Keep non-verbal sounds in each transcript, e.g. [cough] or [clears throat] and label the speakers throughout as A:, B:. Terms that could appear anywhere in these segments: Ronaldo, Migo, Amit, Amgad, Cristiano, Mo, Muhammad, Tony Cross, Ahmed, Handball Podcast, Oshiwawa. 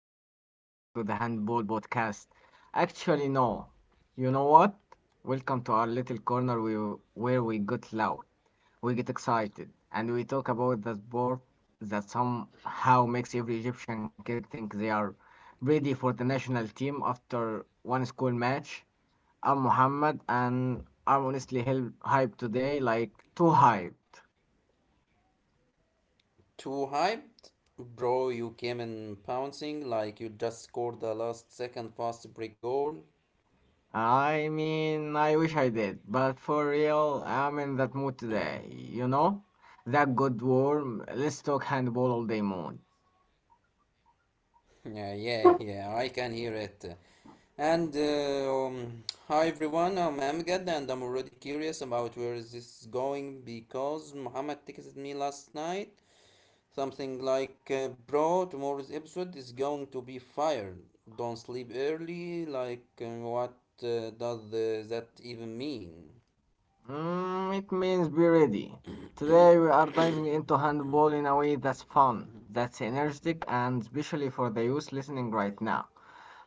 A: hey, welcome back to the Handball Podcast. Actually, no. You know what? Welcome to our little where we get loud, we get excited, and we talk about the sport that somehow makes every Egyptian kid think they are ready for the national team after one school match. I'm Mohammed, and I'm honestly hell hyped today, like too hyped.
B: Too hyped? Bro, you came in pouncing like you just scored the last second fast break goal. [laughs]
A: I mean, I wish I did, but for real, I'm in that mood today, That good warm, let's talk handball all day mood.
B: Yeah, yeah, yeah, I can hear it. And Hi everyone, I'm Amgad and I'm already curious about where is this going because Muhammad texted me last night something like, bro, tomorrow's episode is going to be fire. Don't sleep early. What does that even mean?
A: It means be ready. Today we are diving into handball in a way that's fun, that's energetic, and especially for the youth listening right now.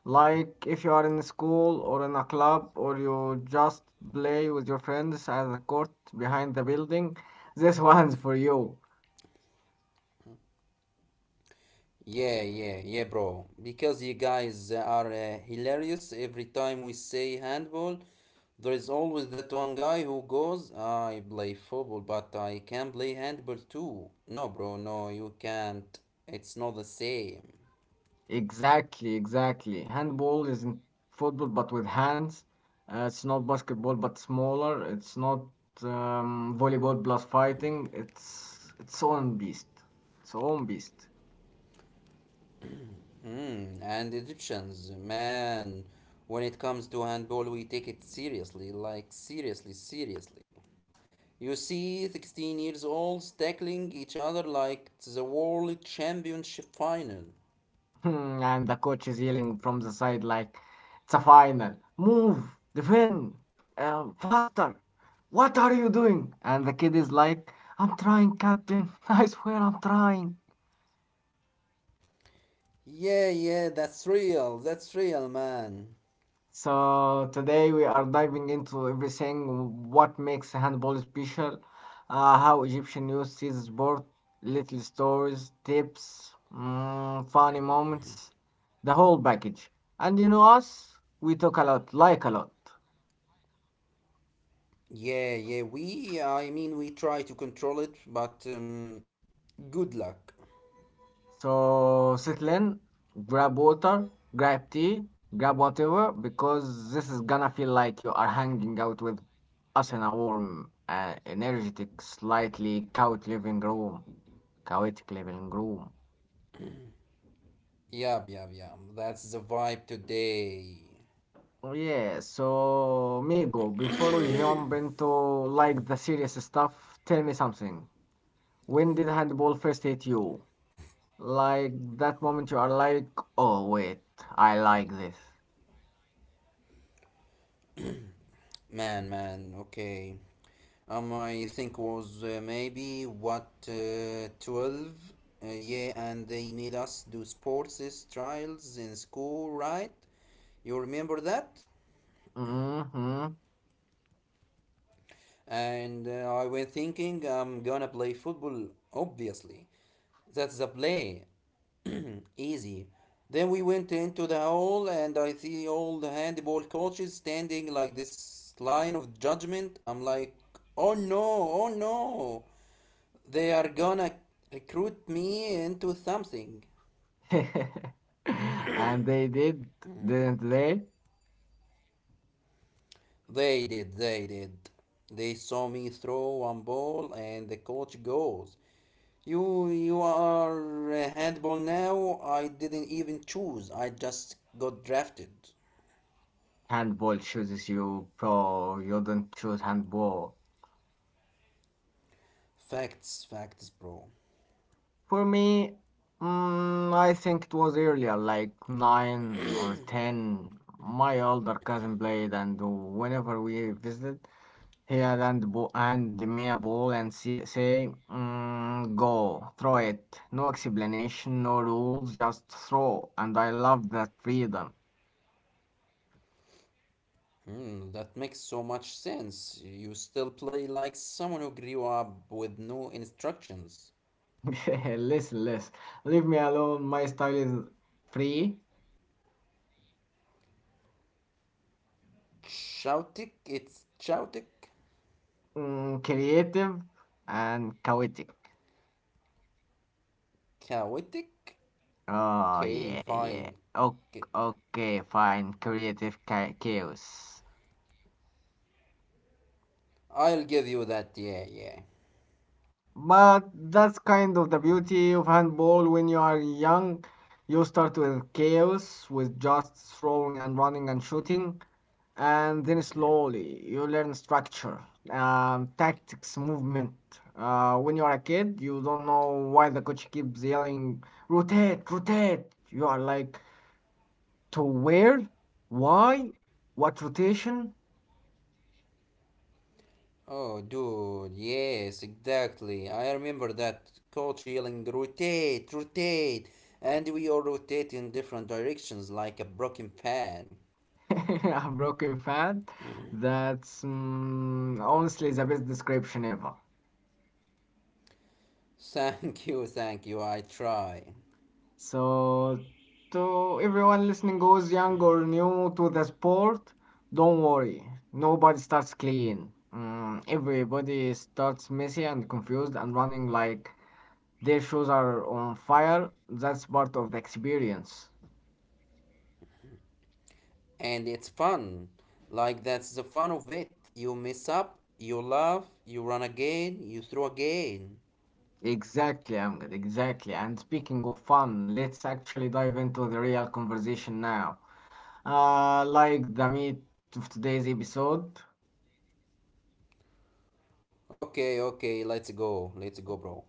A: Like if you are in school or in a club or you just play with your friends at the court behind the building, this [laughs] one's for you.
B: Yeah, yeah, yeah, bro. Because you guys are hilarious. Every time we say handball, there is always that one guy who goes, I play football, but I can play handball too. No, bro, no, you can't. It's not the same.
A: Exactly, exactly. Handball isn't football, but with hands. It's not basketball, but smaller. It's not volleyball plus fighting. It's its own beast. Its own beast.
B: Mm, and Egyptians, man, when it comes to handball, we take it seriously, like seriously, seriously. You see 16 years olds tackling each other like it's the world championship final.
A: [laughs] And the coach is yelling from the side like, "It's a final. Move, defend, faster. What are you doing?" And the kid is like, "I'm trying, captain. [laughs] I swear, I'm trying."
B: Yeah, yeah, that's real. That's real, man.
A: So today we are diving into everything what makes handball special, how Egyptian youth sees sport, little stories, tips, funny moments, the whole package. And you know us, we talk a lot, like a lot.
B: Yeah, yeah, I mean, we try to control it, but good luck.
A: So settle in, grab water, grab tea, grab whatever, because this is gonna feel like you are hanging out with us in a warm, energetic, slightly couch living room. Chaotic Living Room.
B: Yup, yup, yup. That's the vibe today.
A: Oh, yeah, so Migo, before we jump into like the serious stuff, tell me something. When did handball first hit you? Like that moment you are like, oh wait, I like this.
B: Man, man, okay. I think was maybe what, 12? Yeah, and they made us do sports trials in school, right? You remember that?
A: Mm-hmm.
B: And I went thinking I'm gonna play football, obviously. That's the play. [clears throat] Easy. Then we went into the hall, and I see all the handball coaches standing like this line of judgment. I'm like, oh no, oh no. They are gonna recruit me into something.
A: [laughs] And they did, didn't they?
B: They did, they did. They saw me throw one ball, and the coach goes, you are a handball now. I didn't even choose, I just got drafted.
A: Handball chooses you, bro. You don't choose handball.
B: Facts, facts, bro.
A: For me, I think it was earlier, like nine or ten. My older cousin played, and whenever we visited, he had and hand me a ball and say, "Go, throw it." No explanation, no rules, just throw. And I loved that freedom.
B: Hmm, that makes so much sense. You still play like someone who grew up with no instructions.
A: [laughs] Listen, listen, leave me alone. My style is free,
B: Chaotic, it's chaotic,
A: creative, and chaotic.
B: chaotic.
A: Oh,
B: Okay,
A: yeah, yeah.
B: fine.
A: O
B: i
A: Okay, fine. Creative chaos.
B: I'll give you that. Yeah, yeah.
A: But that's kind of the beauty of handball when you are young. You start with chaos, with just throwing and running and shooting, and then slowly you learn structure, tactics, movement. When you are a kid, you don't know why the coach keeps yelling, rotate, rotate. You are like, to where? Why? What rotation?
B: Oh, dude, yes, exactly. I remember that coach yelling, rotate, rotate, and we all rotate in different directions like a broken fan.
A: [laughs] A broken fan. That's honestly the best description ever.
B: [laughs] Thank you, I try.
A: So, to everyone listening who's young or new to the sport, don't worry. Nobody starts clean. Everybody starts messy and confused and running like their shoes are on fire. That's part of the experience.
B: And it's fun. Like that's the fun of it. You mess up, you laugh, you run again, you throw again.
A: Exactly, Amgad, exactly. And speaking of fun, let's actually dive into the real conversation now. Like the meat of today's episode.
B: Okay, okay, let's go, bro.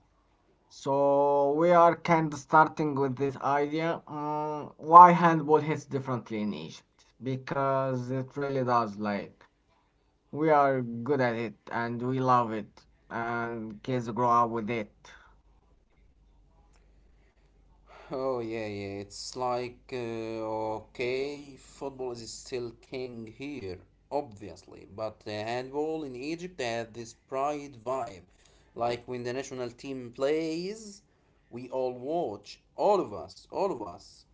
A: So we are kind of starting with this idea, why handball hits differently in Egypt because it really does. Like we are good at it and we love it, and kids grow up with it,
B: Oh yeah, yeah. It's like okay, football is still king here, obviously, but handball in Egypt had this pride vibe. Like when the national team plays, we all watch, all of us, all of us.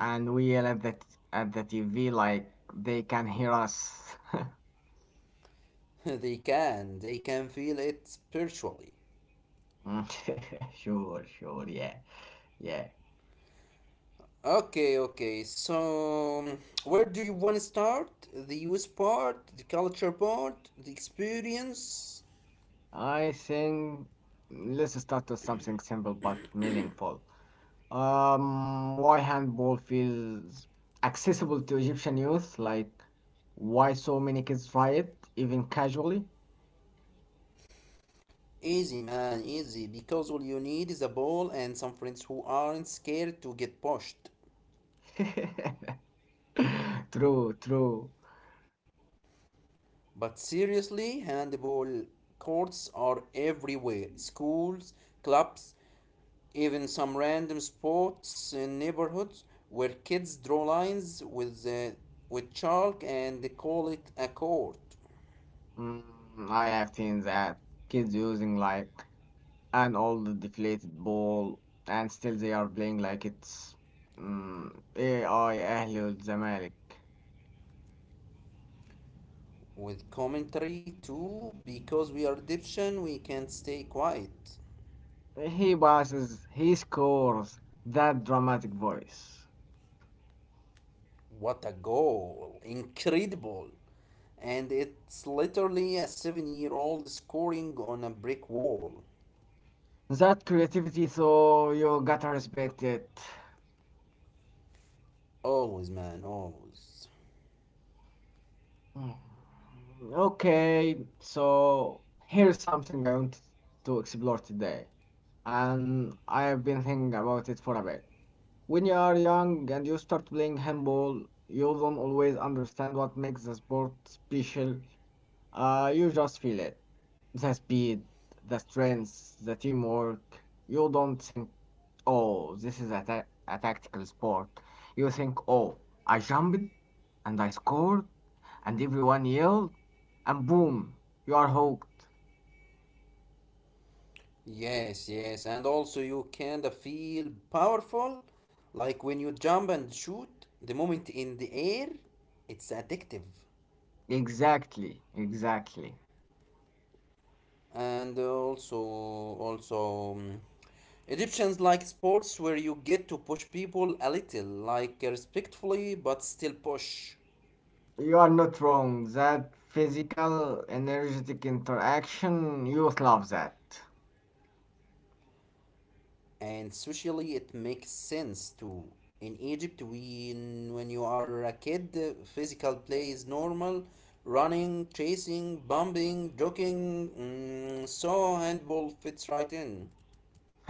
A: and we yell at at the TV like they can hear us.
B: [laughs] They can, they can feel it spiritually.
A: [laughs] sure, sure, yeah, yeah.
B: Okay, okay. So, where do you want to start? The use part, the culture part, the experience?
A: I think let's start with something simple but meaningful. Why handball feels accessible to Egyptian youth? Like, why so many kids try it, even casually?
B: Easy, man, easy. Because all you need is a ball and some friends who aren't scared to get pushed.
A: [laughs] True, true.
B: But seriously, handball courts are everywhere schools, clubs, even some random spots in neighborhoods where kids draw lines with chalk and they call it a court.
A: Mm, I have seen that kids using like an old deflated ball, and still they are playing like it's AI أهلي والزمالك.
B: With commentary too, because we are Egyptian we can't stay quiet.
A: He passes, he scores. That dramatic voice.
B: What a goal, incredible. And it's literally a 7 year old scoring on a brick wall.
A: That creativity, so you gotta respect it.
B: Always, man, always.
A: Mm, Okay, so here's something I want to explore today, and I have been thinking about it for a bit. When you are young and you start playing handball, you don't always understand what makes the sport special. You just feel it. The speed, the strength, the teamwork. You don't think, oh, this is a tactical sport. You think, oh, I jumped and I scored and everyone yelled and boom, you are hooked.
B: Yes, yes, and also you kind of feel powerful, like when you jump and shoot the moment in the air, it's addictive.
A: Exactly, exactly.
B: And also also Egyptians like sports where you get to push people a little, like respectfully but still push.
A: You are not wrong. That physical, energetic interaction, youth love that.
B: And socially, it makes sense too. In Egypt, when you are a kid, physical play is normal, running, chasing, bumping, jogging. Mm, so handball fits right in.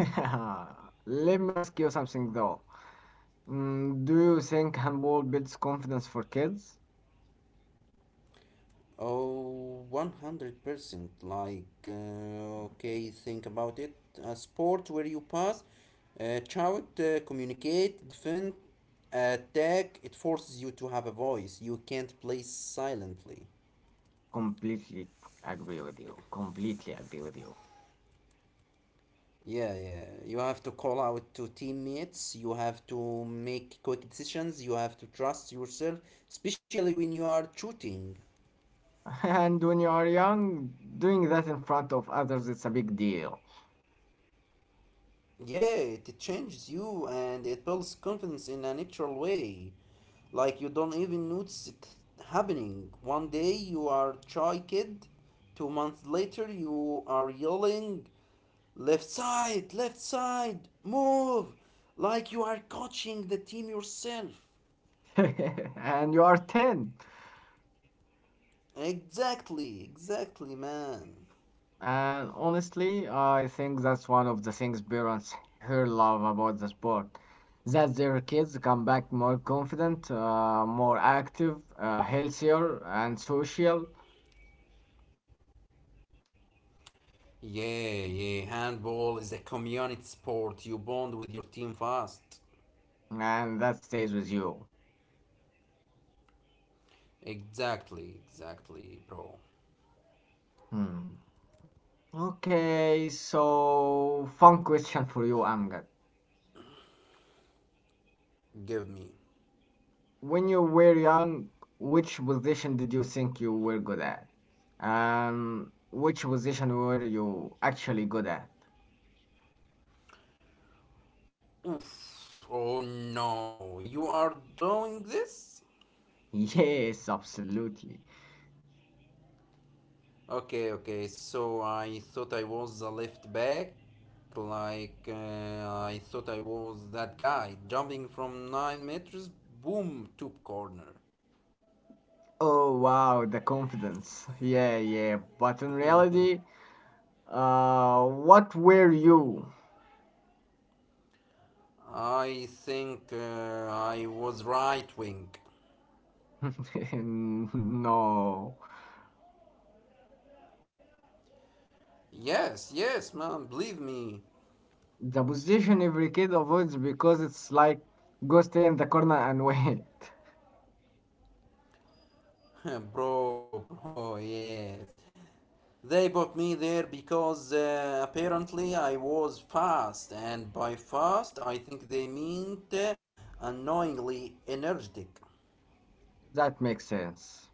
A: [laughs] Let me ask you something though. Do you think handball builds confidence for kids?
B: Oh, 100%. Okay, think about it. A sport where you pass, shout, communicate, defend, attack. It forces you to have a voice. You can't play silently.
A: Completely agree with you. Completely agree with you.
B: Yeah, yeah. You have to call out to teammates. You have to make quick decisions. You have to trust yourself, especially when you are shooting.
A: [laughs] And when you are young, doing that in front of others is a big deal.
B: Yeah, it changes you and it builds confidence in a natural way. Like you don't even notice it happening. One day you are shy kid, 2 months later you are yelling, left side, move! Like you are coaching the team yourself.
A: [laughs] And you are 10.
B: Exactly, exactly, man.
A: And honestly, I think that's one of the things parents here love about the sport. That their kids come back more confident, more active, healthier, and social.
B: Yeah, yeah, handball is a community sport. You bond with your team fast.
A: And that stays with you.
B: Exactly, exactly, bro.
A: Hmm. Okay, so fun question for you, Amgad.
B: Give me.
A: When you were young, which position did you think you were good at? Which position were you actually good at?
B: Oof. Oh no, you are doing this?
A: [laughs] Yes, absolutely.
B: Okay, okay, so I thought I was a left back. Like, uh, I thought I was that guy jumping from 9 meters, boom, tube corner.
A: Oh wow, the confidence. [laughs] Yeah, yeah. But in reality, what were you?
B: I think I was right wing.
A: [laughs] No.
B: Yes, yes, man, believe me.
A: The position every kid avoids because it's like go stay in the corner and [laughs] wait.
B: [laughs] Bro, bro, yes. They put me there because apparently I was fast, and by fast I think they meant annoyingly energetic.
A: That makes sense.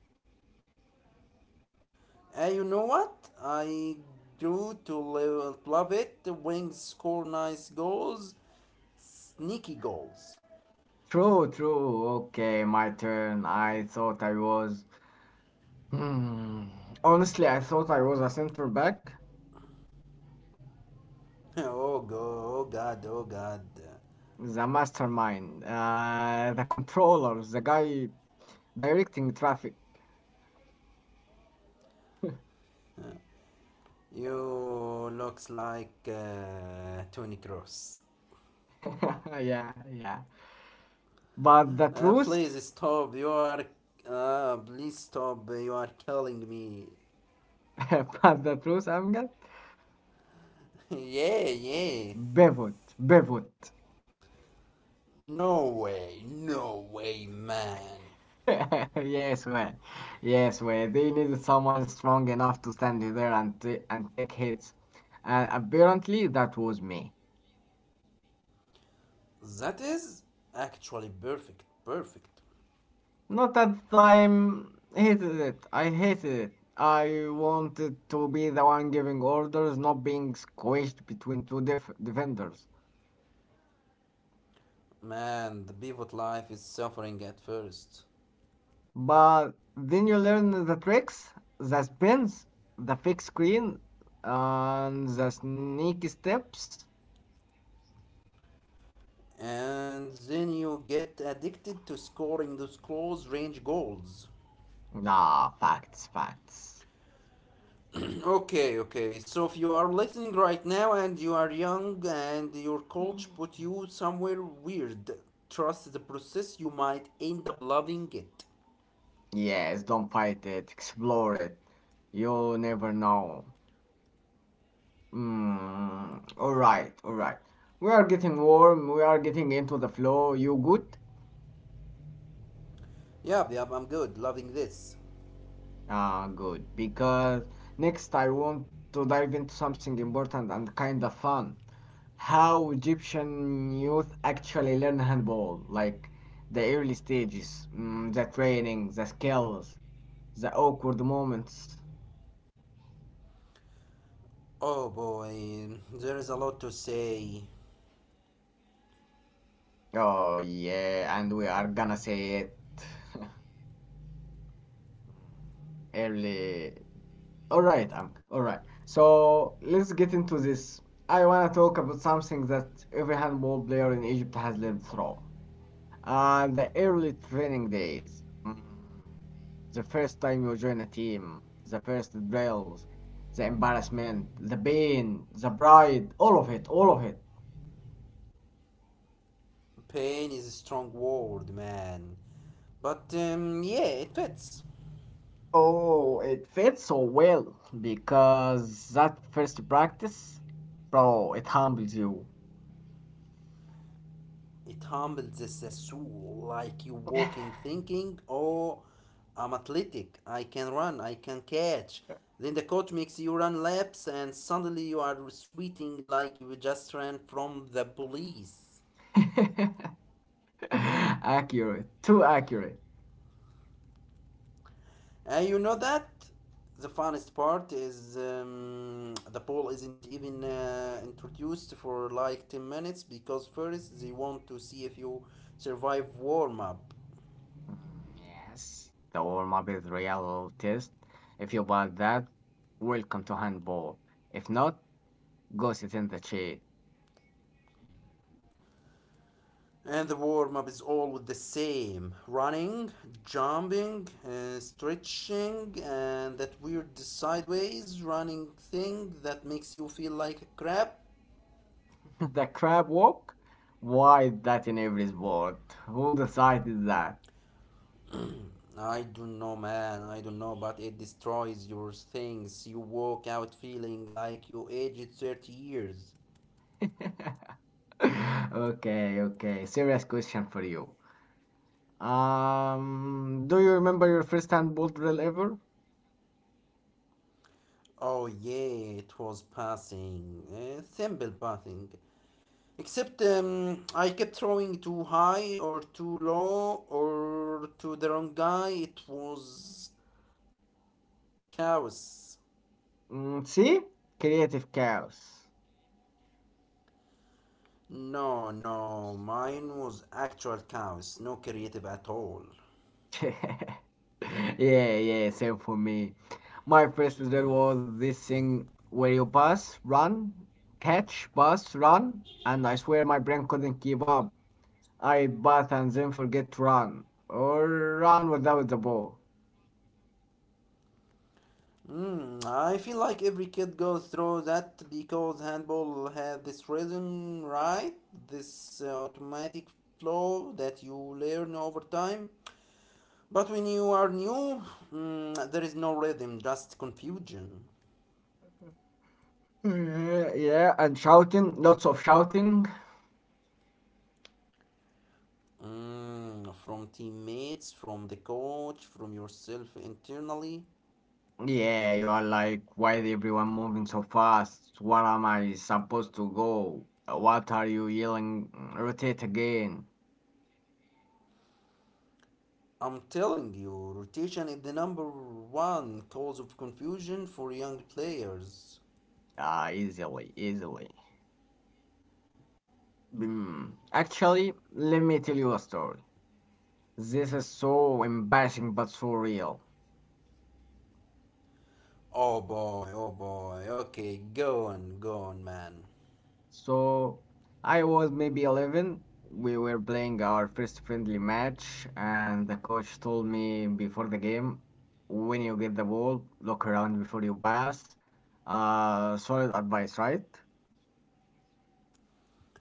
B: You know what? I grew to love it. Wings score nice goals, sneaky goals.
A: True, true. Okay, my turn. I thought I was. Hmm. Honestly, I thought I was a center back,
B: [laughs] Oh, go, oh God, oh God.
A: the mastermind, the controller, the guy directing traffic.
B: You looks like Tony Cross.
A: [laughs] yeah, yeah. But the
B: Uh, please
A: truth,
B: stop, you are. Please stop, you are killing me.
A: [laughs] but the truth, I'm Amjad,
B: [laughs] Yeah, yeah.
A: pivot, pivot.
B: No way, no way, man.
A: [laughs] Yes, well, yes, well, they needed someone strong enough to stand there and t and take hits, and apparently that was me.
B: That is actually perfect, perfect.
A: Not at the time, hated it. I hated it. I wanted to be the one giving orders, not being squished between two defenders.
B: Man, the pivot life is suffering at first.
A: But then you learn the tricks, the spins, the fake screen, and the sneaky steps.
B: And then you get addicted to scoring those close range goals.
A: Ah, facts, facts.
B: Okay, okay. So if you are listening right now and you are young and your coach put you somewhere weird, trust the process, you might end up loving it.
A: Yes, don't fight it. Explore it. You'll never know. All right, all right. We are getting warm. We are getting into the flow. You good?
B: Yep, yep, I'm good, loving this.
A: Ah, good. Because next I want to dive into something important and kind of fun. How Egyptian youth actually learn handball, like the early stages, the training, the skills, the awkward moments.
B: Oh boy, there is a lot to say.
A: Oh yeah, and we are gonna say it. [laughs] Early. All right, Ang. All right. So let's get into this. I want to talk about something that every handball player in Egypt has lived through. The early training days. The first time you join a team, the first drills, the embarrassment, the pain, the pride, all of it, all of it.
B: Pain is a strong word, man. But yeah, it fits.
A: Oh, it fits so well because that first practice, bro, it humbles you.
B: It humbles the soul, like you walk in thinking, oh, I'm athletic, I can run, I can catch. Then the coach makes you run laps, and suddenly you are sweating like you just ran from the police.
A: [laughs] [laughs] Accurate, too accurate.
B: And you know that? The funnest part is the poll isn't even introduced for like 10 minutes because first they want to see if you survive warm up.
A: Mm, yes, the warm up is real test. If you bought that, welcome to handball. If not, go sit in the chair.
B: And the warm up is always the same running, jumping, stretching, and that weird sideways running thing that makes you feel like crap.
A: [laughs] the crab walk? Why is that in every sport? Who decided that?
B: I don't know, man, I don't know, but it destroys your things. You walk out feeling like you aged 30 years.
A: [laughs] okay, okay. Serious question for you. Do you remember your first handball drill ever?
B: Oh, yeah, it was passing. Simple passing. Except I kept throwing too high or too low or to the wrong guy. It was chaos.
A: See, creative chaos.
B: No, no, mine was actual chaos, no creative at all.
A: [laughs] Yeah, yeah, same for me. My first as well was this thing where you pass, run, catch, pass, run, and I swear my brain couldn't keep up. I pass and then forget to run, or run without the ball.
B: Mm, I feel like every kid goes through that because handball had this rhythm, right? This automatic flow that you learn over time. But when you are new, mm, there is no rhythm, just confusion.
A: Yeah, yeah, and shouting, lots of shouting.
B: Mm, from teammates, from the coach, from yourself internally.
A: Yeah, you are like, why is everyone moving so fast? Where am I supposed to go? What are you yelling? Rotate again.
B: I'm telling you, rotation is the number one cause of confusion for young players.
A: Ah, easily, easily. Actually, let me tell you a story. This is so embarrassing but so real.
B: Oh boy, oh boy. Okay, go on, go on, man.
A: So, I was maybe 11. We were playing our first friendly match, and the coach told me before the game, when you get the ball, look around before you pass. Solid advice, right?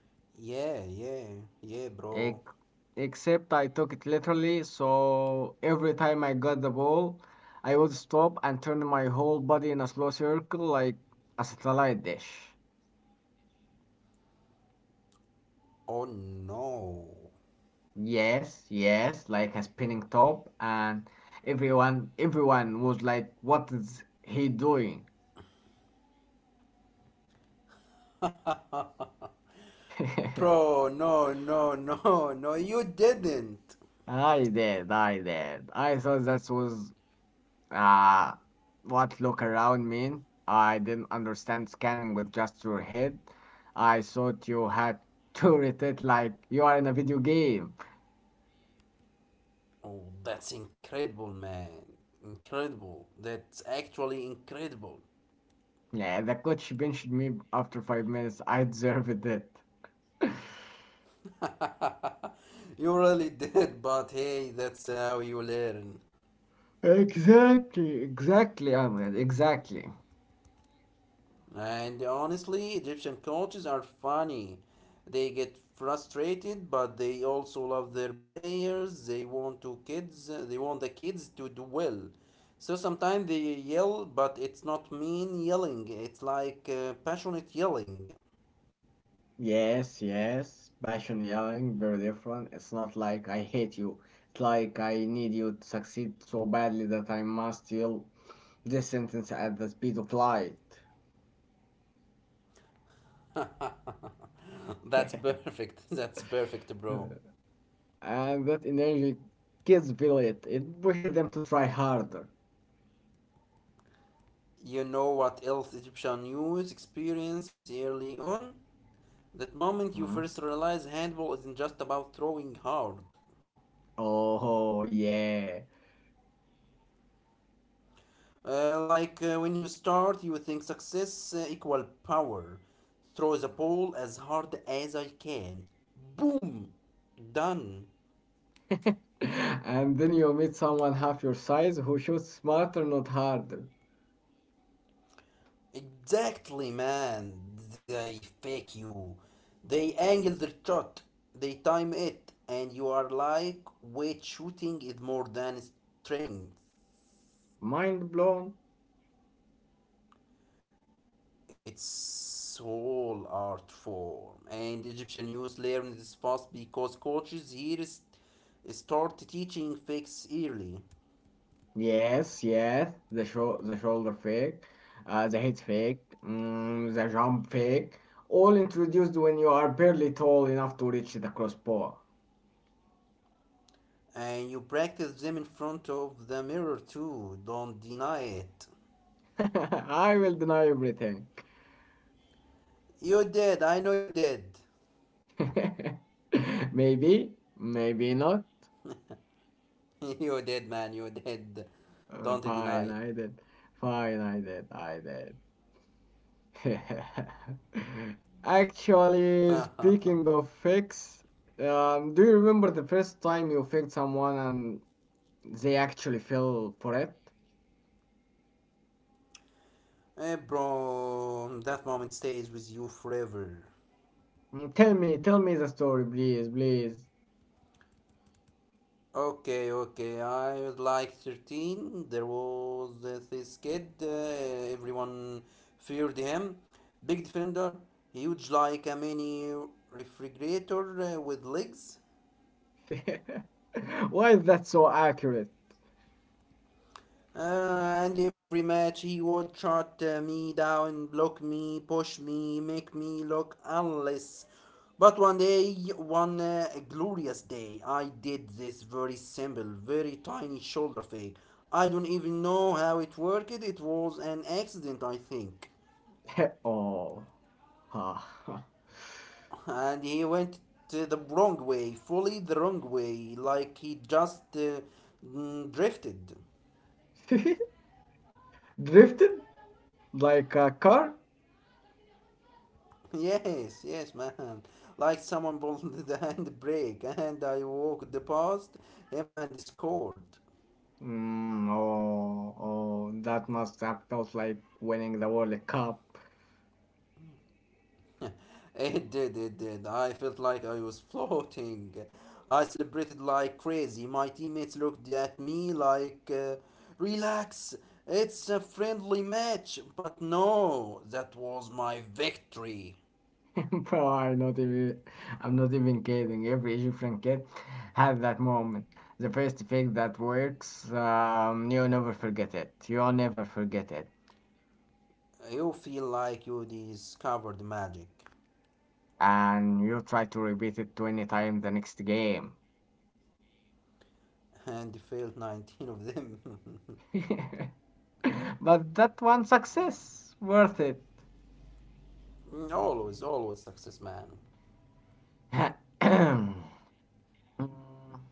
B: Yeah, yeah, yeah, bro.
A: Ex- Except I took it literally, so every time I got the ball, I would stop and turn my whole body in a slow circle like a satellite dish.
B: Oh no.
A: Yes, yes, like a spinning top, and everyone was like, what is he doing?
B: [laughs]
A: [laughs]
B: Bro, no, no, no, no, you didn't.
A: I did, I did. I thought that was Uh, what look around mean? I didn't understand scanning with just your head. I thought you had [laughs] to read it like you are in a video game.
B: Oh, that's incredible, man. Incredible. That's actually incredible.
A: Yeah, the coach benched me after 5 minutes. I deserved it.
B: [laughs] You really did, but hey, that's how you learn.
A: Exactly, exactly, Ahmed, exactly.
B: And honestly, Egyptian coaches are funny. They get frustrated, but they also love their players. They want to kids. They want the kids to do well. So sometimes they yell, but it's not mean yelling. It's like passionate yelling.
A: Yes, yes. Passion yelling, very different. It's not like I hate you. It's like I need you to succeed so badly that I must yell this sentence at the speed of light.
B: [laughs] That's perfect. [laughs] That's perfect, bro.
A: [laughs] and that energy kids feel it. It pushes them to try harder.
B: You know what else Egyptian youth experience early on? That moment you
A: Mhm.
B: first realize handball isn't just about throwing hard.
A: Oh yeah.
B: Like when you start, you think success equal power. Throw the ball as hard as I can. Boom! Done.
A: [laughs] And then you meet someone half your size who shoots smarter, not harder.
B: Exactly, man. They fake you. They angle the shot. They time it. And you are like, weight shooting is more than strength.
A: Mind blown?
B: It's all art form, and Egyptian youth learn this fast because coaches here is, start teaching fakes early,
A: Yes, yes. The shoulder fake, the head fake, the jump fake. All introduced when you are barely tall enough to reach the crossbar.
B: and you practice them in front of the mirror too. Don't deny it.
A: [laughs] I will deny everything.
B: You did. I know you did.
A: [laughs] maybe, maybe not.
B: [laughs] You did, man. You did. Don't
A: Fine,
B: deny.
A: I did. Fine, I did. I did. [laughs] Actually, speaking
B: [laughs]
A: of fix, do you remember the first time you fixed someone and they actually fell for it?
B: Hey, bro, that moment stays with you forever.
A: Mm, tell me, tell me the story, please, please.
B: Okay, okay. I was like 13. There was this kid. Everyone feared him. Big defender, huge like a mini refrigerator with legs.
A: [laughs] Why is that so accurate?
B: Uh, and every match he would shut me down, block me, push me, make me look unless. But one day, one glorious day, I did this very simple, very tiny shoulder fake. I don't even know how it worked, it was an accident, I think.
A: [laughs] Oh. [laughs]
B: And he went to the wrong way, fully the wrong way, like he just drifted.
A: Drifted like a car?
B: Yes, yes, man. Like someone pulled [laughs] the handbrake and I walked past him and scored.
A: Mm, oh, oh, that must have felt like winning the World Cup.
B: It did, it did. I felt like I was floating. I celebrated like crazy. My teammates looked at me like, relax, it's a friendly match. But no, that was my victory.
A: [laughs] Bro, I'm not even kidding. Every Egyptian kid had that moment. The first fake that works, you'll never forget it. You'll never forget it.
B: You feel like you discovered magic
A: And you try to repeat it 20 times the next game.
B: and failed 19 of them. [laughs]
A: [laughs] But that one success, worth it.
B: Always, always success, man.
A: [clears throat] Mm.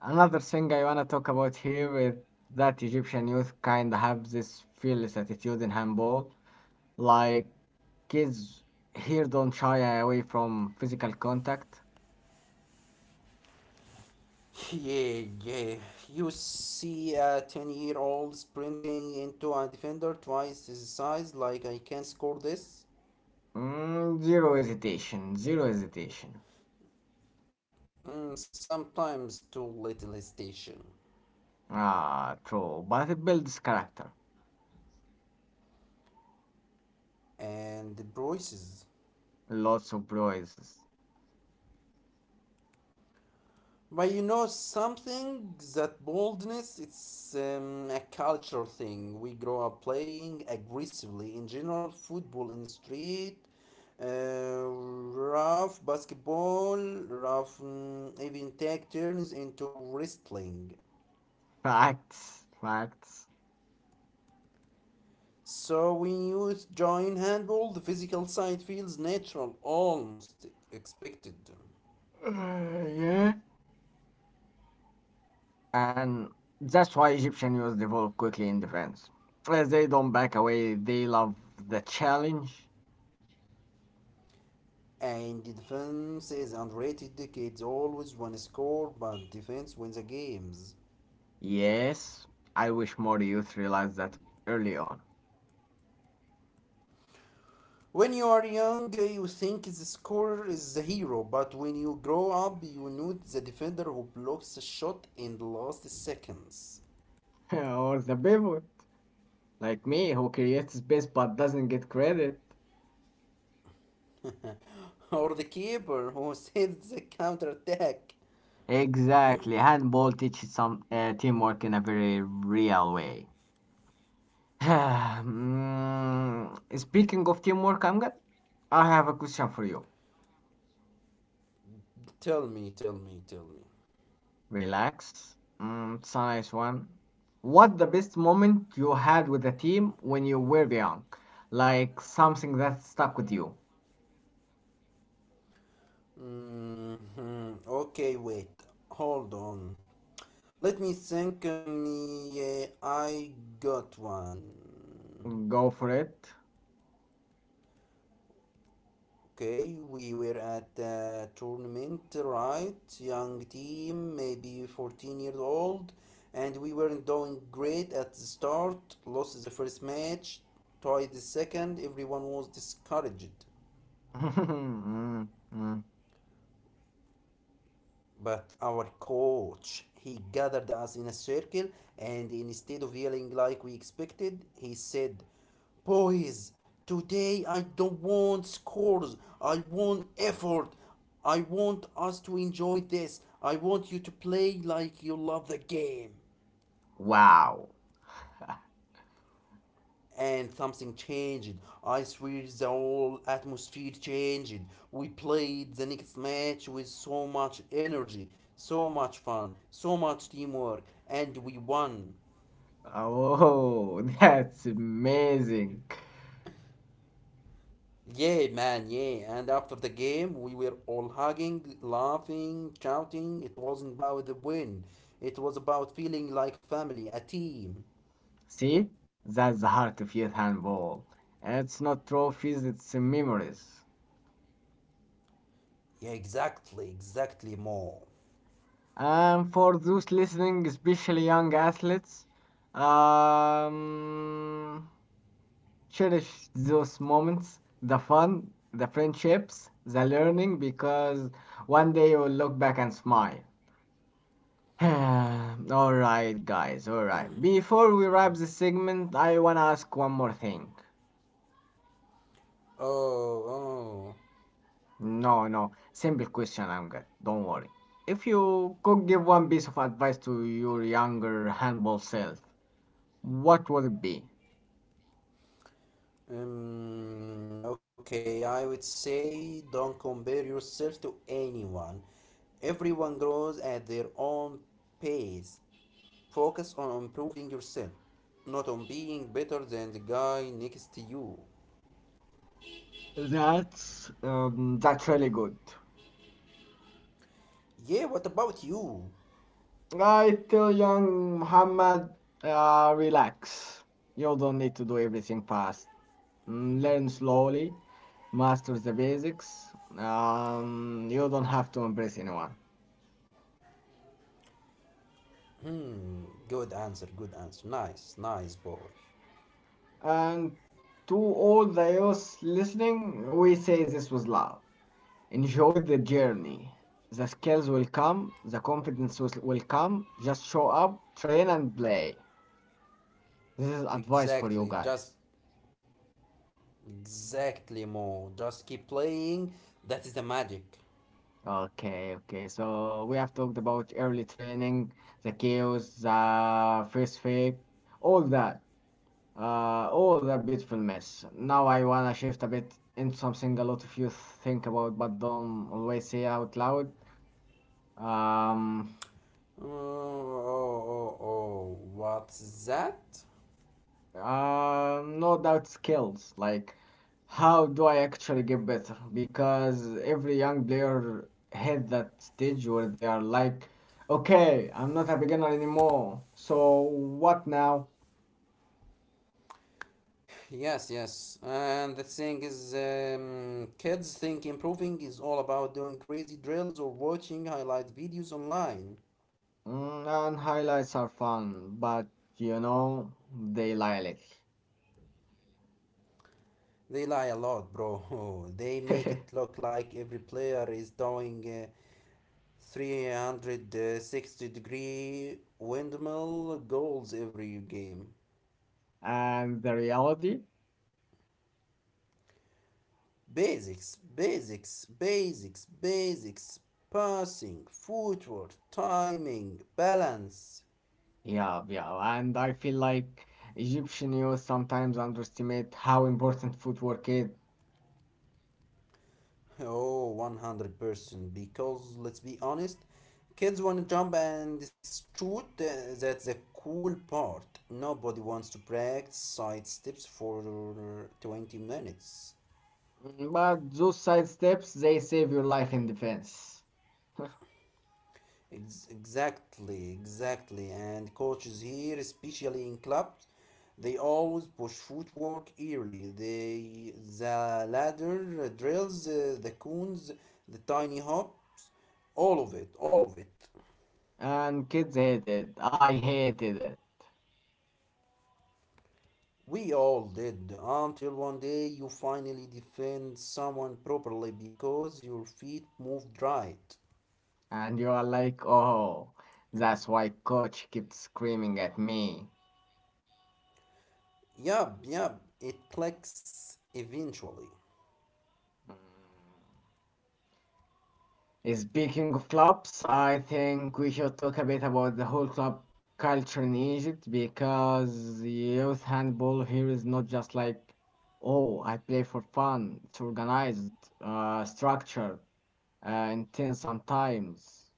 A: Another thing I wanna talk about here is that Egyptian youth kinda have this fearless attitude in handball. Like kids here don't shy away from physical contact.
B: Yeah, yeah. You see a 10-year-old sprinting into a defender twice his size, like I can score this.
A: Mm, zero hesitation, zero hesitation.
B: Mm, sometimes too little station.
A: Ah, true. But it builds character.
B: And the braces.
A: Lots of prizes.
B: But you know something that boldness it's a cultural thing. We grow up playing aggressively in general football in street, rough basketball, rough even tag turns into wrestling.
A: Facts, facts. [sighs]
B: So when you join handball, the physical side feels natural, almost expected.
A: Yeah. And that's why Egyptian youth develop quickly in defense. They don't back away, they love the challenge.
B: And the defense is underrated. The kids always want to score, but defense wins the games.
A: Yes, I wish more youth realize that early on.
B: When you are young, you think the scorer is the hero, but when you grow up, you need the defender who blocks the shot in the last seconds,
A: [laughs] Or the pivot, like me, who creates space but doesn't get credit.
B: [laughs] or the keeper who [laughs] saves the counter attack.
A: Exactly. Handball teaches some teamwork in a very real way. [sighs] Mm, speaking of teamwork, I'm good. I have a question for you.
B: Tell me, tell me, tell me.
A: Relax. Mm, it's a nice one. What the best moment you had with the team when you were young? Like something that stuck with you.
B: Hmm. Okay, wait, hold on. Let me think. Yeah, I got one.
A: Go for it.
B: Okay, we were at the tournament, right? Young team, maybe 14 years old, and we weren't doing great at the start. Lost the first match, tied the second, everyone was discouraged.
A: [laughs] Mhm, mhm.
B: But our coach, he gathered us in a circle, and instead of yelling like we expected, he said, "Boys, today I don't want scores. I want effort. I want us to enjoy this. I want you to play like you love the game."
A: Wow.
B: And something changed. I swear the whole atmosphere changed. We played the next match with so much energy, so much fun, so much teamwork, and we won.
A: Oh, [laughs] that's amazing.
B: Yeah, man, yeah. And after the game, we were all hugging, laughing, shouting. It wasn't about the win, it was about feeling like family, a team.
A: See, that's the heart of youth handball. It's not trophies, it's memories.
B: Yeah, exactly, exactly, Mo.
A: And for those listening, especially young athletes, um, cherish those moments, the fun, the friendships, the learning, because one day you'll look back and smile. [sighs] Alright, guys, alright. Before we wrap the segment, I wanna ask one more thing.
B: Oh, oh.
A: No, no, simple question, I'm good. Don't worry. If you could give one piece of advice to your younger handball self, what would it be?
B: Okay, I would say don't compare yourself to anyone. Everyone grows at their own pace. Focus on improving yourself, not on being better than the guy next to you.
A: That's really good.
B: Yeah, what about you?
A: I tell young Muhammad, relax. You don't need to do everything fast. Mm, learn slowly, master the basics. You don't have to impress anyone.
B: Good answer, good answer. Nice, nice boy.
A: And to all the youth listening, we say this with love. Enjoy the journey. The skills will come, the confidence will come. Just show up, train, and play. This is advice for you
B: Exactly,
A: guys.
B: just exactly more. Just keep playing. That is the magic.
A: Okay, okay. So we have talked about early training, the chaos, the first fake, all that. All that beautiful mess. Now I wanna shift a bit into something a lot of you think about but don't always say out loud. Um,
B: Oh, oh, oh, oh. What's that?
A: no doubt skills. Like, how do I actually get better? Because every young player hit that stage where they are like, okay, I'm not a beginner anymore. So what now?
B: Yes, yes. And the thing is, kids think improving is all about doing crazy drills or watching highlight videos online.
A: Mm, and highlights are fun, but you know, they lie a
B: They lie a lot, bro. [laughs] They make
A: little. [laughs]
B: it look like every player is doing 360 degree windmill goals every game.
A: And the reality.
B: Basics, basics, basics, basics. Passing, footwork, timing, balance.
A: Yeah, yeah, and I feel like Egyptian youth sometimes underestimate how important footwork is.
B: Oh, 100%. Because let's be honest, kids want to jump and shoot. That's the cool part. Nobody wants to practice side steps for 20 minutes.
A: Mm, but those side steps, they save your life in defense.
B: Exactly, exactly. And coaches here, especially in clubs, they always push footwork early. They, the ladder drills, the cones, the tiny hops, all of it, all of it.
A: And kids hate it. I hated it.
B: We all did, until one day you finally defend someone properly because your feet moved right.
A: And you are like, oh, that's why coach kept screaming at me.
B: Yup, yup, it clicks eventually.
A: Mm. Speaking of clubs, I think we should talk a bit about the whole club culture in Egypt because youth handball here is not just like, oh, I play for fun. It's organized, structured, intense sometimes,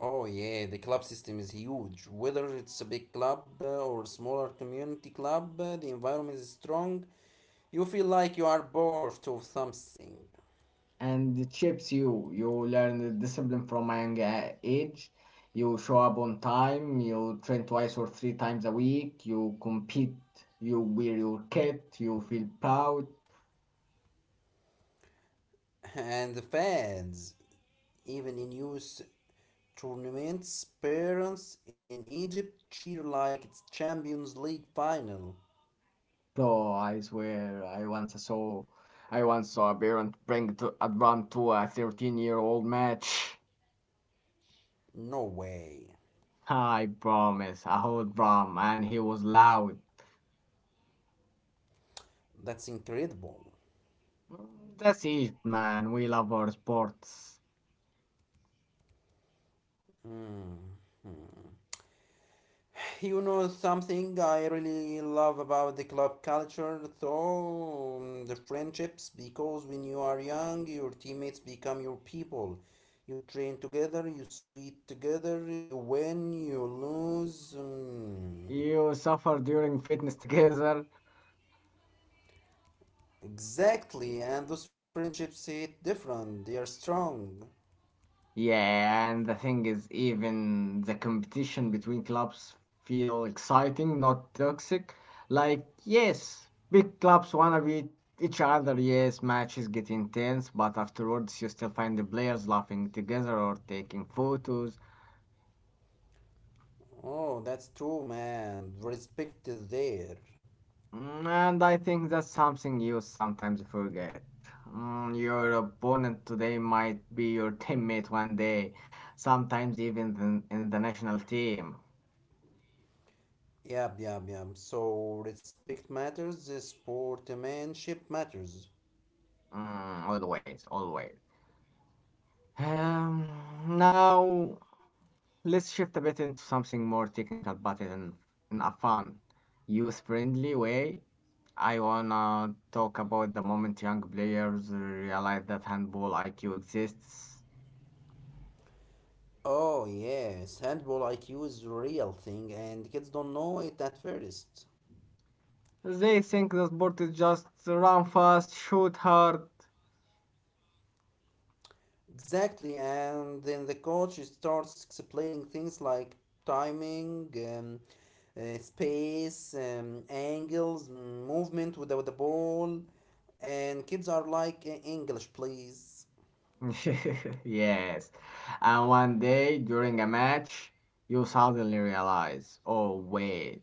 B: Oh, yeah, the club system is huge. Whether it's a big club or smaller community club, the environment is strong. You feel like you are part of something.
A: and it shapes you. You learn the discipline from a young age. You show up on time. You train twice or three times a week. You compete. You wear your kit. You feel proud.
B: [laughs] And the fans, even in youth tournaments, parents in Egypt cheer like it's Champions League final.
A: Bro, I swear, I once saw a parent bring to, a drum to a 13-year-old match.
B: No way.
A: I promise, a whole drum, and he was loud.
B: That's incredible.
A: Mm, that's it, man. We love our sports.
B: You know something I really love about the club culture, though? Mm. The friendships, because when you are young, your teammates become your people. You train together, you sweat together, you win, you lose. Mm.
A: You suffer during fitness [laughs] together.
B: Exactly, and those friendships hit different, they are strong.
A: Yeah, and the thing is, even the competition between clubs feel exciting, not toxic. Like, yes, big clubs wanna beat each other. Yes, matches get intense, but afterwards you still find the players laughing together or taking photos.
B: Oh, that's true, man. Respect is there.
A: Mm, and I think that's something you sometimes forget. Mm, your opponent today might be your teammate one day, sometimes even in the national team.
B: Yep, yep, yep. So respect matters, sportsmanship matters.
A: Mm, always, always. Um, now let's shift a bit into something more technical, but in a fun, youth-friendly way. I wanna talk about the moment young players realize that handball IQ exists.
B: Oh yes, handball IQ is real thing and kids don't know it at first.
A: They think the sport is just run fast, shoot hard.
B: Exactly, and then the coach starts explaining things like timing, space, angles, movement without the ball, and kids are like, "English, please."
A: [laughs] Yes. And one day during a match, you suddenly realize, oh, wait,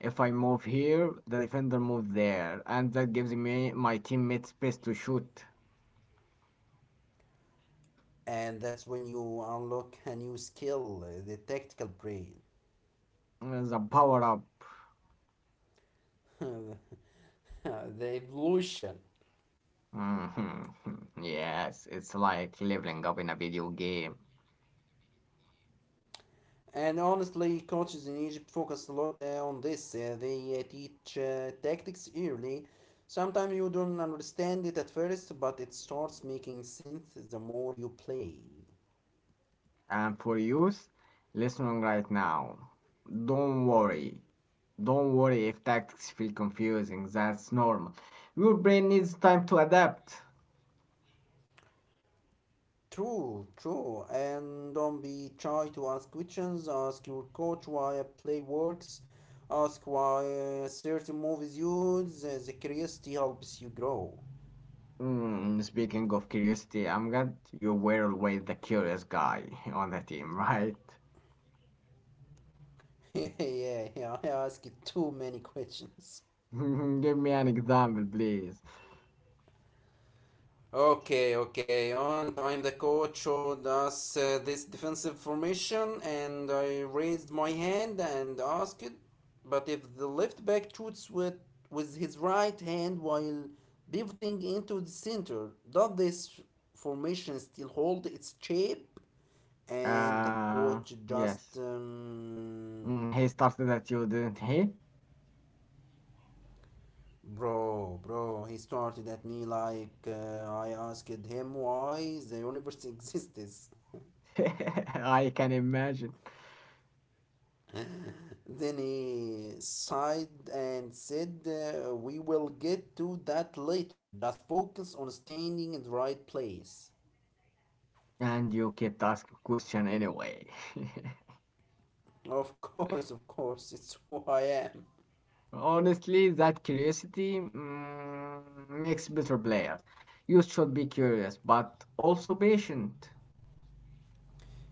A: if I move here, the defender moves there, and that gives me my teammate space to shoot.
B: And that's when you unlock a new skill, the tactical brain.
A: Mm, the power up.
B: [laughs] [laughs] The evolution.
A: Mhm. [laughs] Yes, it's like leveling up in a video game.
B: And honestly, coaches in Egypt focus a lot on this. They teach tactics early. Sometimes you don't understand it at first, but it starts making sense the more you play.
A: And for youth listening right now, don't worry. Don't worry if tactics feel confusing. That's normal. Your brain needs time to adapt.
B: True, true. And don't be shy to ask questions. Ask your coach why a play works. Ask why a certain move is used. The curiosity helps you grow.
A: Mm, speaking of curiosity, I'm glad you were always the curious guy [laughs] on the team, right?
B: [laughs] Yeah, yeah, I ask too many [laughs] questions.
A: [laughs] Give me an example, please.
B: Okay, okay. On time, the coach showed us this defensive formation, and I raised my hand and asked, "But if the left back shoots with his right hand while pivoting into the center, does this formation still hold its shape?" And the
A: Uh,
B: coach just,
A: yes. Mm, he started at you, didn't he?
B: bro, bro, he started at me like I asked him why the universe [laughs] exists.
A: [laughs] I can imagine.
B: Then he sighed and said, "We will get to that later. Just focus on standing in the right place."
A: And you kept asking question anyway. [laughs]
B: [laughs] Of course, it's who I am.
A: Honestly, that curiosity makes better players. You should be curious, but also patient.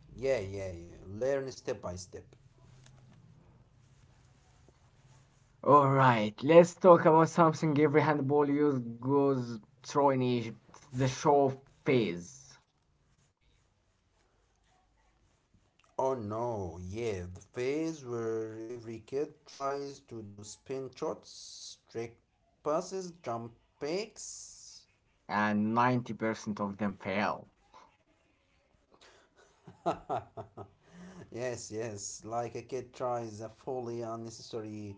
B: Yeah, yeah, yeah. Learn step by step.
A: All right, let's talk about something every handball youth goes through in Egypt the show phase.
B: Oh no, yeah, the phase where every kid tries to do spin shots, trick passes, jump picks.
A: And 90% of them fail.
B: Yes, yes, like a kid tries a fully unnecessary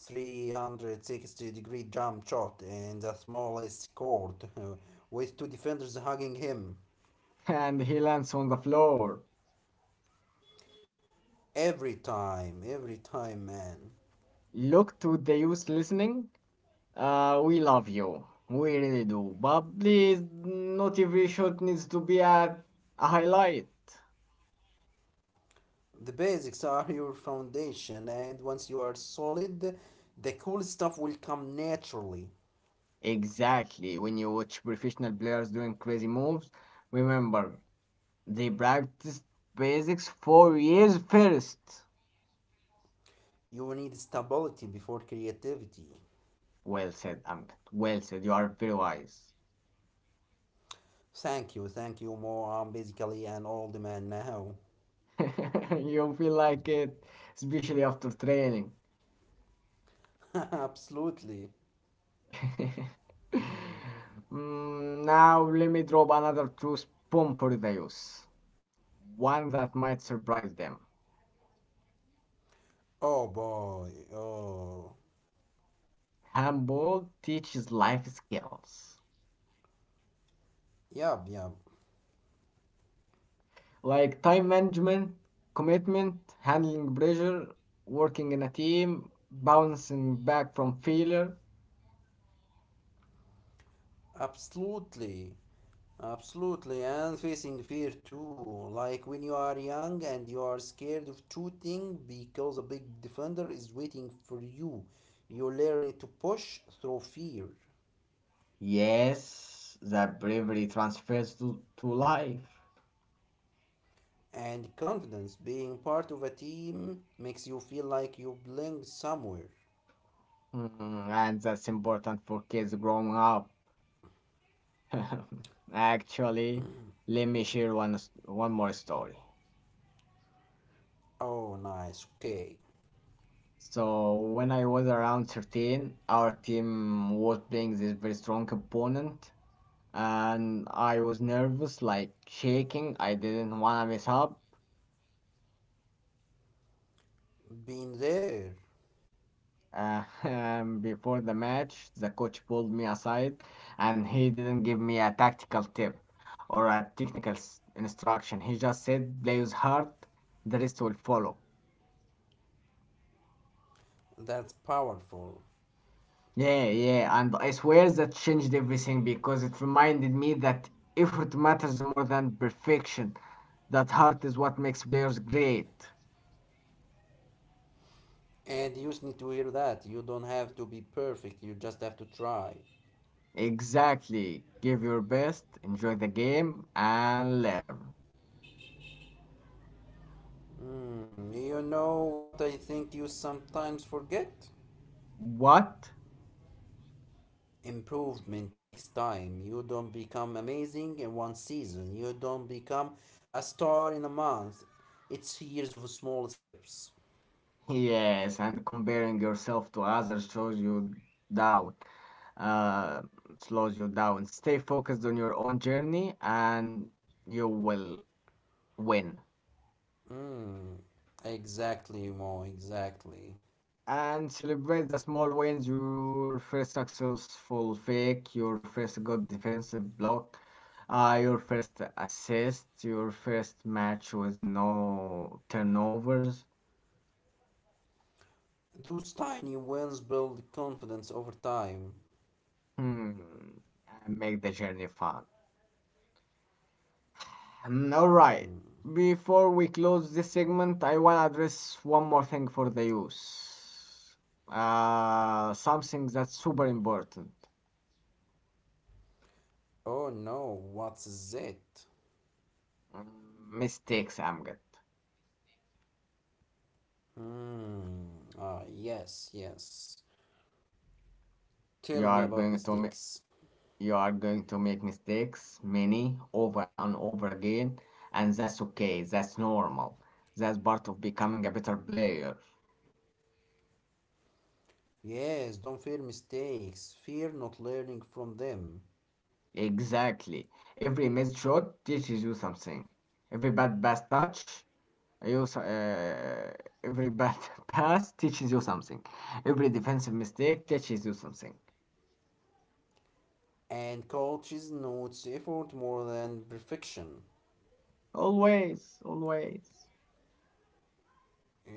B: 360 degree jump shot in the smallest court with two defenders hugging him.
A: [laughs] And he lands on the floor.
B: Every time, man.
A: Look to the youth listening. We love you. We really do. But please, not every shot needs to be a highlight.
B: The basics are your foundation, and once you are solid, the cool stuff will come naturally.
A: Exactly. When you watch professional players doing crazy moves, remember they practiced basics for years first.
B: You need stability before creativity.
A: Well said, Amit. Well said. You are very wise.
B: Thank you, Mo. I'm basically an old man now.
A: [laughs] You feel like it, especially after training.
B: [laughs] Absolutely.
A: [laughs] Mm, now, let me drop another truth bomb for the youth. One that might surprise them.
B: Oh boy, oh,
A: Handball teaches life skills
B: yep, yep.
A: like time management, commitment, handling pressure, working in a team, bouncing back from failure.
B: Absolutely, absolutely, and facing fear too. Like when you are young and you are scared of shooting because a big defender is waiting for you, you learn to push through fear
A: Yes, that bravery transfers to life.
B: and confidence. Being part of a team makes you feel like you belong somewhere.
A: Mm, and that's important for kids growing up. [laughs] Actually, let me share one more story.
B: Oh, nice, okay,
A: So, when I was around 13, our team was playing this very strong opponent, and I was nervous, like shaking. I didn't want to mess up.
B: been there.
A: [laughs] Before the match, the coach pulled me aside and he didn't give me a tactical tip or a technical instruction. He just said, play with heart, the rest will follow.
B: That's powerful.
A: Yeah, yeah, and I swear that changed everything because it reminded me that effort matters more than perfection, that heart is what makes players great.
B: And you just need to hear that. You don't have to be perfect, you just have to try.
A: Exactly. Give your best, enjoy the game, and learn.
B: Mm. You know what I think you sometimes forget?
A: What?
B: Improvement takes time. You don't become amazing in one season, you don't become a star in a month. It's years of small steps.
A: Yes, and comparing yourself to others shows you down, uh, slows you down. Stay focused on your own journey and you will win.
B: Exactly, Mo, exactly.
A: And celebrate the small wins, your first successful fake, your first good defensive block, your first assist, your first match with no turnovers.
B: Those tiny wins build confidence over time.
A: Hmm. And make the journey fun. All right. Before we close this segment, I want to address one more thing for the youth. Something that's super important.
B: Oh no, what's it?
A: Mm, mistakes, Amgad.
B: Hmm. Ah, yes, yes. Tell me
A: You are
B: about
A: going to make
B: mistakes.
A: you are going to make mistakes, many, over and over again, and that's okay. That's normal. That's part of becoming a better player.
B: Yes, don't fear mistakes. Fear not learning from them.
A: Exactly. Every missed shot teaches you something. Every bad pass touch You, s- uh, every bad [laughs] pass teaches you something. Every defensive mistake teaches you something.
B: And coaches notes effort more than perfection.
A: Always, always.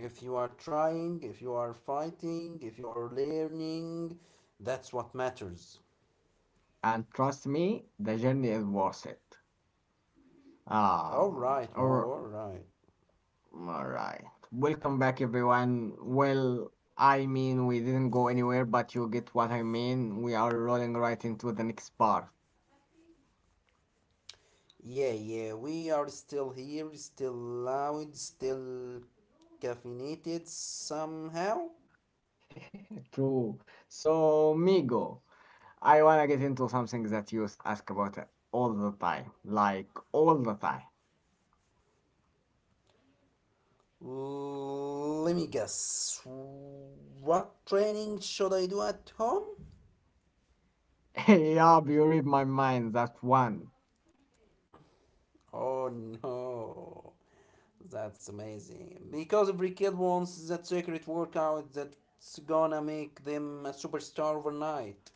B: If you are trying, if you are fighting, if you are learning, that's what matters.
A: And trust me, the journey is worth it.
B: All
A: Um,
B: right, Mo,
A: or,
B: all right.
A: all right. Welcome back, everyone. Well, I mean, we didn't go anywhere, but you get what I mean. We are rolling right into the next part.
B: Yeah, yeah, we are still here, still loud, still caffeinated somehow.
A: [laughs] True. So, Migo. I wanna get into something that you ask about all the time. Like, all the time.
B: Let me guess. What training should I do at home?
A: [laughs] Yup, you read my mind, that one.
B: Oh no, that's amazing. Because every kid wants that secret workout that's gonna make them a superstar overnight.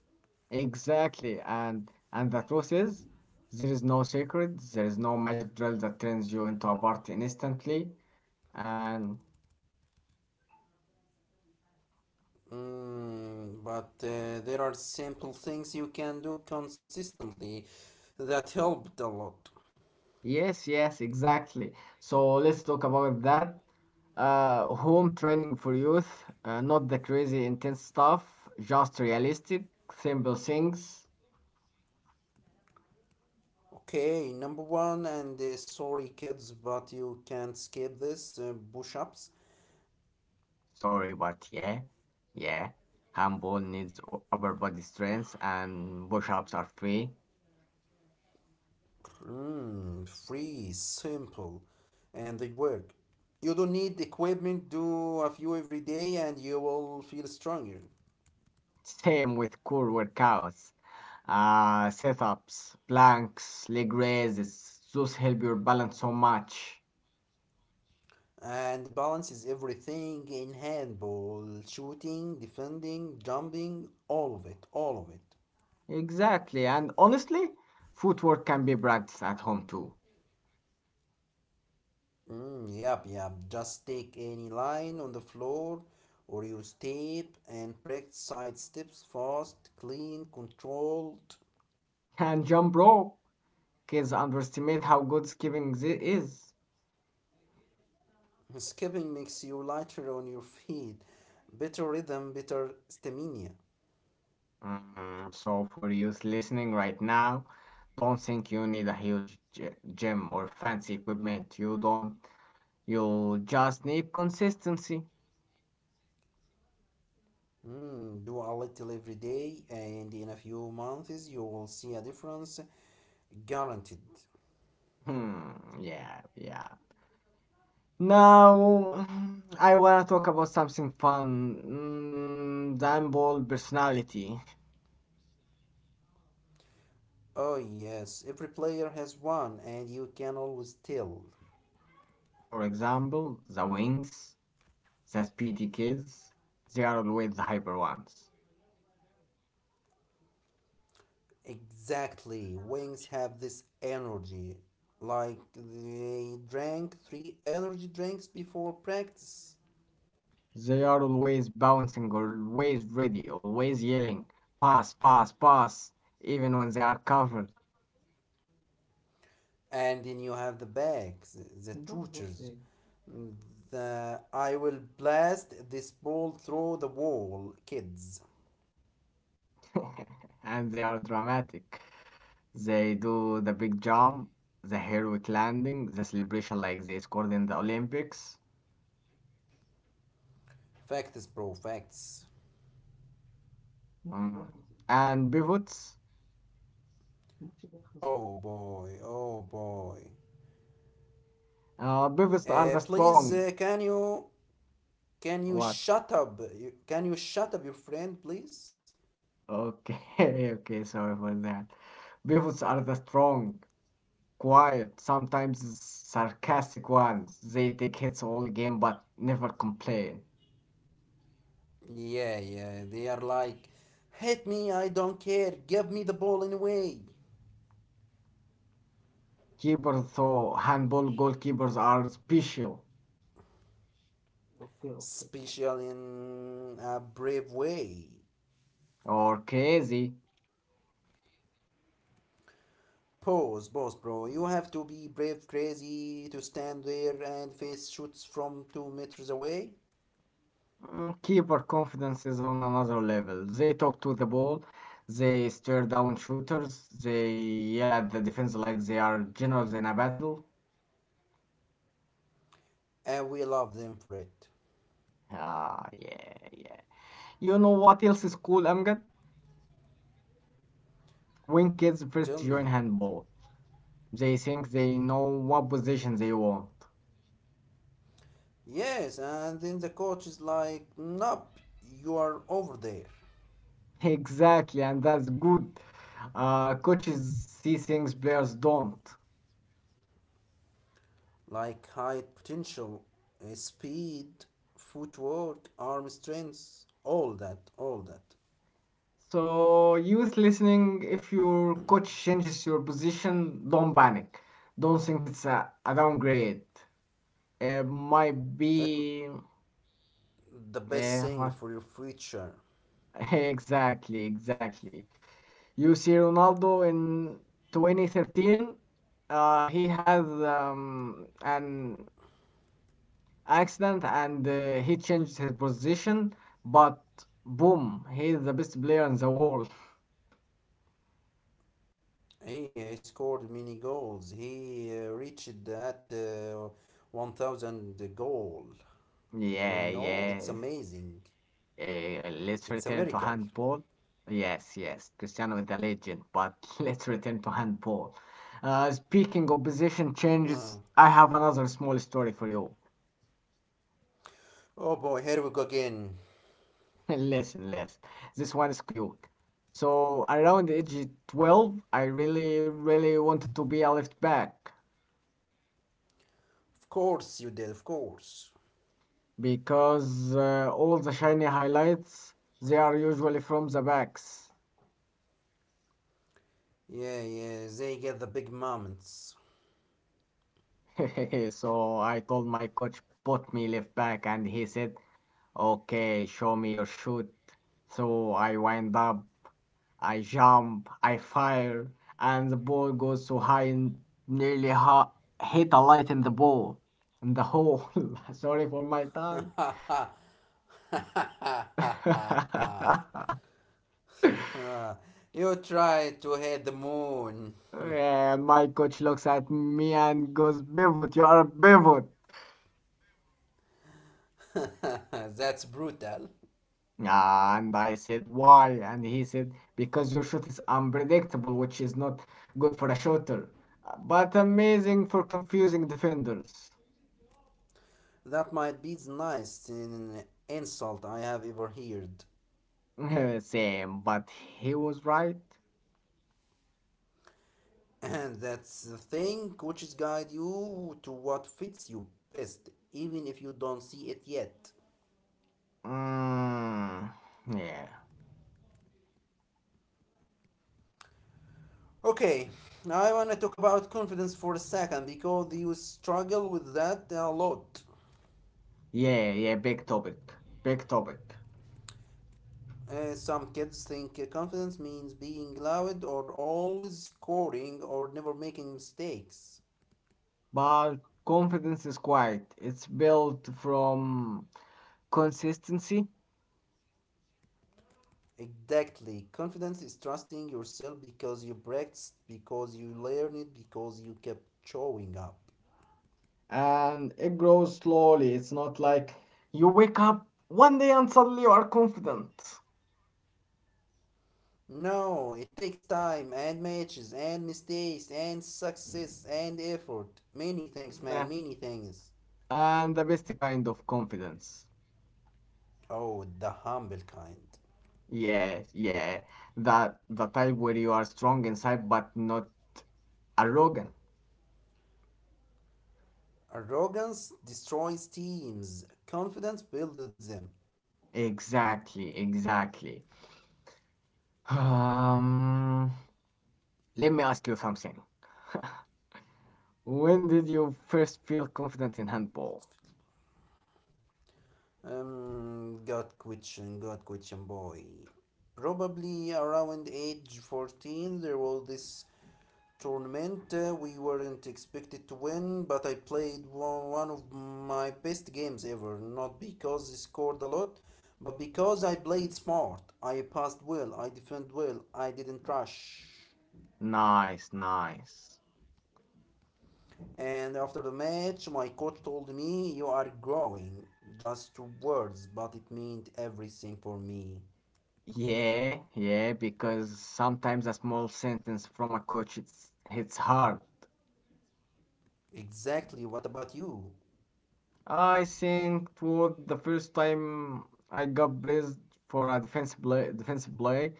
A: Exactly. And the truth is, there is no secret, there is no magic drill that turns you into a party instantly. And
B: Mm, but there are simple things you can do consistently that helped a lot.
A: yes, yes, exactly. So let's talk about that. Home training for youth, not the crazy intense stuff, just realistic, simple things.
B: Okay, number one, and sorry kids, but you can't skip this push ups.
A: Sorry, but yeah, yeah. Handball needs upper body strength and push-ups are free.
B: Mm, free, simple, and they work. You don't need equipment, do a few every day, and you will feel stronger.
A: Same with core workouts, sit-ups, planks, leg raises. Those help your balance so much.
B: And balance is everything in handball shooting, defending, jumping, all of it, all of it.
A: Exactly, and honestly, footwork can be practiced at home too.
B: Mm, yep, yep. Just take any line on the floor or use tape and practice side steps fast, clean, controlled.
A: And jump rope, kids underestimate how good skipping is.
B: Skipping makes you lighter on your feet, better rhythm, better stamina.
A: Mm, so for youth listening right now, don't think you need a huge gym or fancy equipment. You don't. You just need consistency.
B: Mm, do a little every day, and in a few months you will see a difference, guaranteed.
A: Hmm. Yeah. Yeah. Now, [sighs] I wanna talk about something fun. Mm, the handball personality.
B: Oh, yes, every player has one, and you can always tell.
A: For example, the wings, the speedy kids. They are always the hyper ones.
B: Exactly, wings have this energy, like they drank three energy drinks before practice.
A: They are always bouncing, always ready, always yelling, pass, pass, pass, even when they are covered.
B: And then you have the backs, the tutors, the I will blast this ball through the wall, kids.
A: [laughs] And they are dramatic. They do the big jump, the heroic landing, the celebration like they scored in the Olympics.
B: Facts, bro, facts.
A: Mm. And pivots.
B: Oh boy, oh boy.
A: Pivots are the
B: Please,
A: strong.
B: can you
A: What?
B: shut up? Can you shut up your friend, please?
A: Okay, [laughs] okay, sorry for that. Pivots are the strong, quiet, sometimes sarcastic ones. They take hits all game but never complain.
B: Yeah, yeah. They are like, hit me, I don't care. Give me the ball anyway.
A: Keepers though, handball goalkeepers are special
B: Special in a brave way.
A: or crazy.
B: Pause, pause, bro. You have to be brave, crazy to stand there and face shoots from 2 meters away,
A: Mm, keeper confidence is on another level. They talk to the ball, they stare down shooters, they yell at the defense like they are generals in a battle.
B: and we love them for it.
A: Ah, yeah, yeah. You know what else is cool, Amgad? When kids first
B: Tell
A: join
B: me.
A: handball, they think they know what position they want.
B: Yes, and then the coach is like, nope, you are over there.
A: Exactly, and that's good. Coaches see things players don't.
B: Like height, potential, speed, footwork, arm strength, all that, all that.
A: So, youth listening, if your coach changes your position, don't panic. Don't think it's a downgrade. It might
B: It,
A: be.
B: the
A: Eh,
B: best
A: what?
B: thing for your future.
A: [laughs] Exactly, exactly. You see Ronaldo in 2013, he has an accident and he changed his position, but boom, he's the best player in the world.
B: He scored many goals. He reached that 1000 goal. You
A: Yeah,
B: know, it's
A: yes.
B: amazing.
A: Let's
B: It's a
A: return to
B: miracle.
A: handball. Yes, yes, Cristiano is the legend, but [laughs] let's return to handball. Speaking of position
B: Yeah.
A: changes, I have another small story for you.
B: Oh boy, here we go again.
A: [laughs] Listen, listen. This one is cute. So around age 12, I really, really wanted to be a left back,
B: Of course you did, of course.
A: because all the shiny highlights, they are usually from the backs.
B: Yeah, yeah, they get the big moments.
A: [laughs] So I told my coach, put me left back, and he said, "Okay, show me your shoot." So I wind up, I jump, I fire, and the ball goes so high and nearly ha- hit a light in the ball in the hole. [laughs] Sorry for my
B: [laughs]
A: tongue. [laughs]
B: You try to hit the moon.
A: Yeah, my coach looks at me and goes, "Pivot, you are a pivot."
B: [laughs] That's brutal.
A: Ah, and I said, "Why?" And he said, "Because your shot is unpredictable, which is not good for a shooter, but amazing for confusing defenders."
B: That might be the nicest in insult I have ever heard.
A: [laughs] Same, but he was right.
B: [clears throat] And that's the thing, coaches guide you to what fits you best, even if you don't see it yet.
A: Mm, yeah,
B: Okay, now I wanna talk about confidence for a second because you struggle with that a lot.
A: yeah, yeah, big topic, big topic.
B: Some kids think confidence means being loud or always scoring or never making mistakes.
A: But confidence is quiet, it's built from consistency
B: Exactly. Confidence is trusting yourself because you practiced, because you learned it, because you kept showing up.
A: and it grows slowly. It's not like you wake up one day and suddenly you are confident.
B: No, it takes time and matches and mistakes and success and effort. Many things, man,
A: Nah.
B: many things.
A: And the best kind of confidence.
B: Oh, the humble kind.
A: Yes, yeah. That the type where you are strong inside but not arrogant.
B: Arrogance destroys teams, confidence builds them.
A: Exactly, exactly. Um, Let me ask you something. [laughs] When did you first feel confident in handball?
B: Good question, good question, boy. Probably around age 14, there was this tournament we weren't expected to win, but I played one, one of my best games ever. Not because I scored a lot, but because I played smart. I passed well, I defended well, I didn't rush.
A: Nice, nice.
B: And after the match, my coach told me, "You are growing." Just two words, but it meant everything for me.
A: Yeah, yeah, because sometimes a small sentence from a coach, it's hits hard.
B: Exactly, what about you?
A: I think it worked the first time I got praised for a defensive play,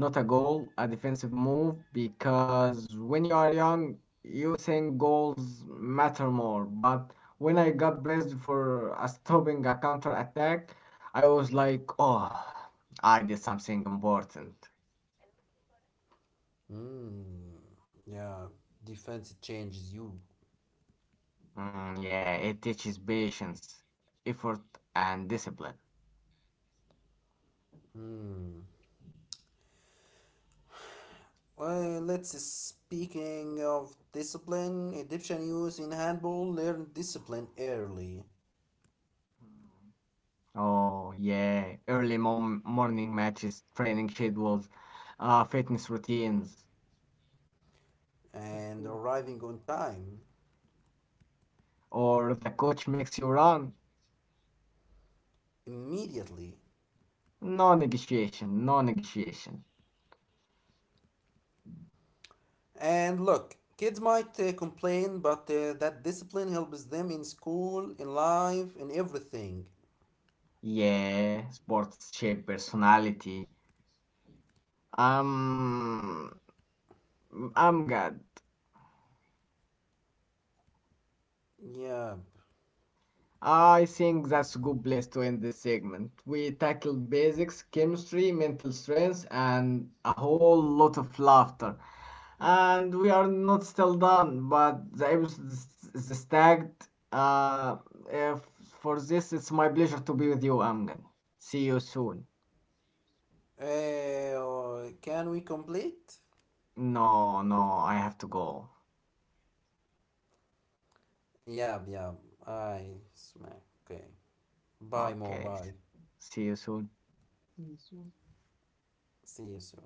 A: not a goal, a defensive move, because when you are young, you think goals matter more. But when I got praised for stopping a counter attack, I was like, oh, I did something important.
B: Hmm, yeah, defense changes you.
A: Mm, yeah, it teaches patience, effort, and discipline.
B: Hmm. Let's Speaking of discipline, Egyptian youth in handball learn discipline early,
A: Oh, yeah, early mom morning matches, training schedules, fitness routines,
B: and arriving on time
A: or the coach makes you run.
B: immediately.
A: No negotiation, no negotiation.
B: And look, kids might complain, but that discipline helps them in school, in life, in everything.
A: Yeah, sports shape personality. Um, I'm good.
B: Yeah.
A: I think that's a good place to end this segment. We tackled basics, chemistry, mental strength, and a whole lot of laughter. And we are not still done, but the episode is stacked. If for this, it's my pleasure to be with you, Amgen. See you soon.
B: Can we complete?
A: No, no, I have to go.
B: Yeah, yeah. I smack. Okay. Bye, Mo.
A: Okay,
B: Bye.
A: s- See you soon.
B: See you soon.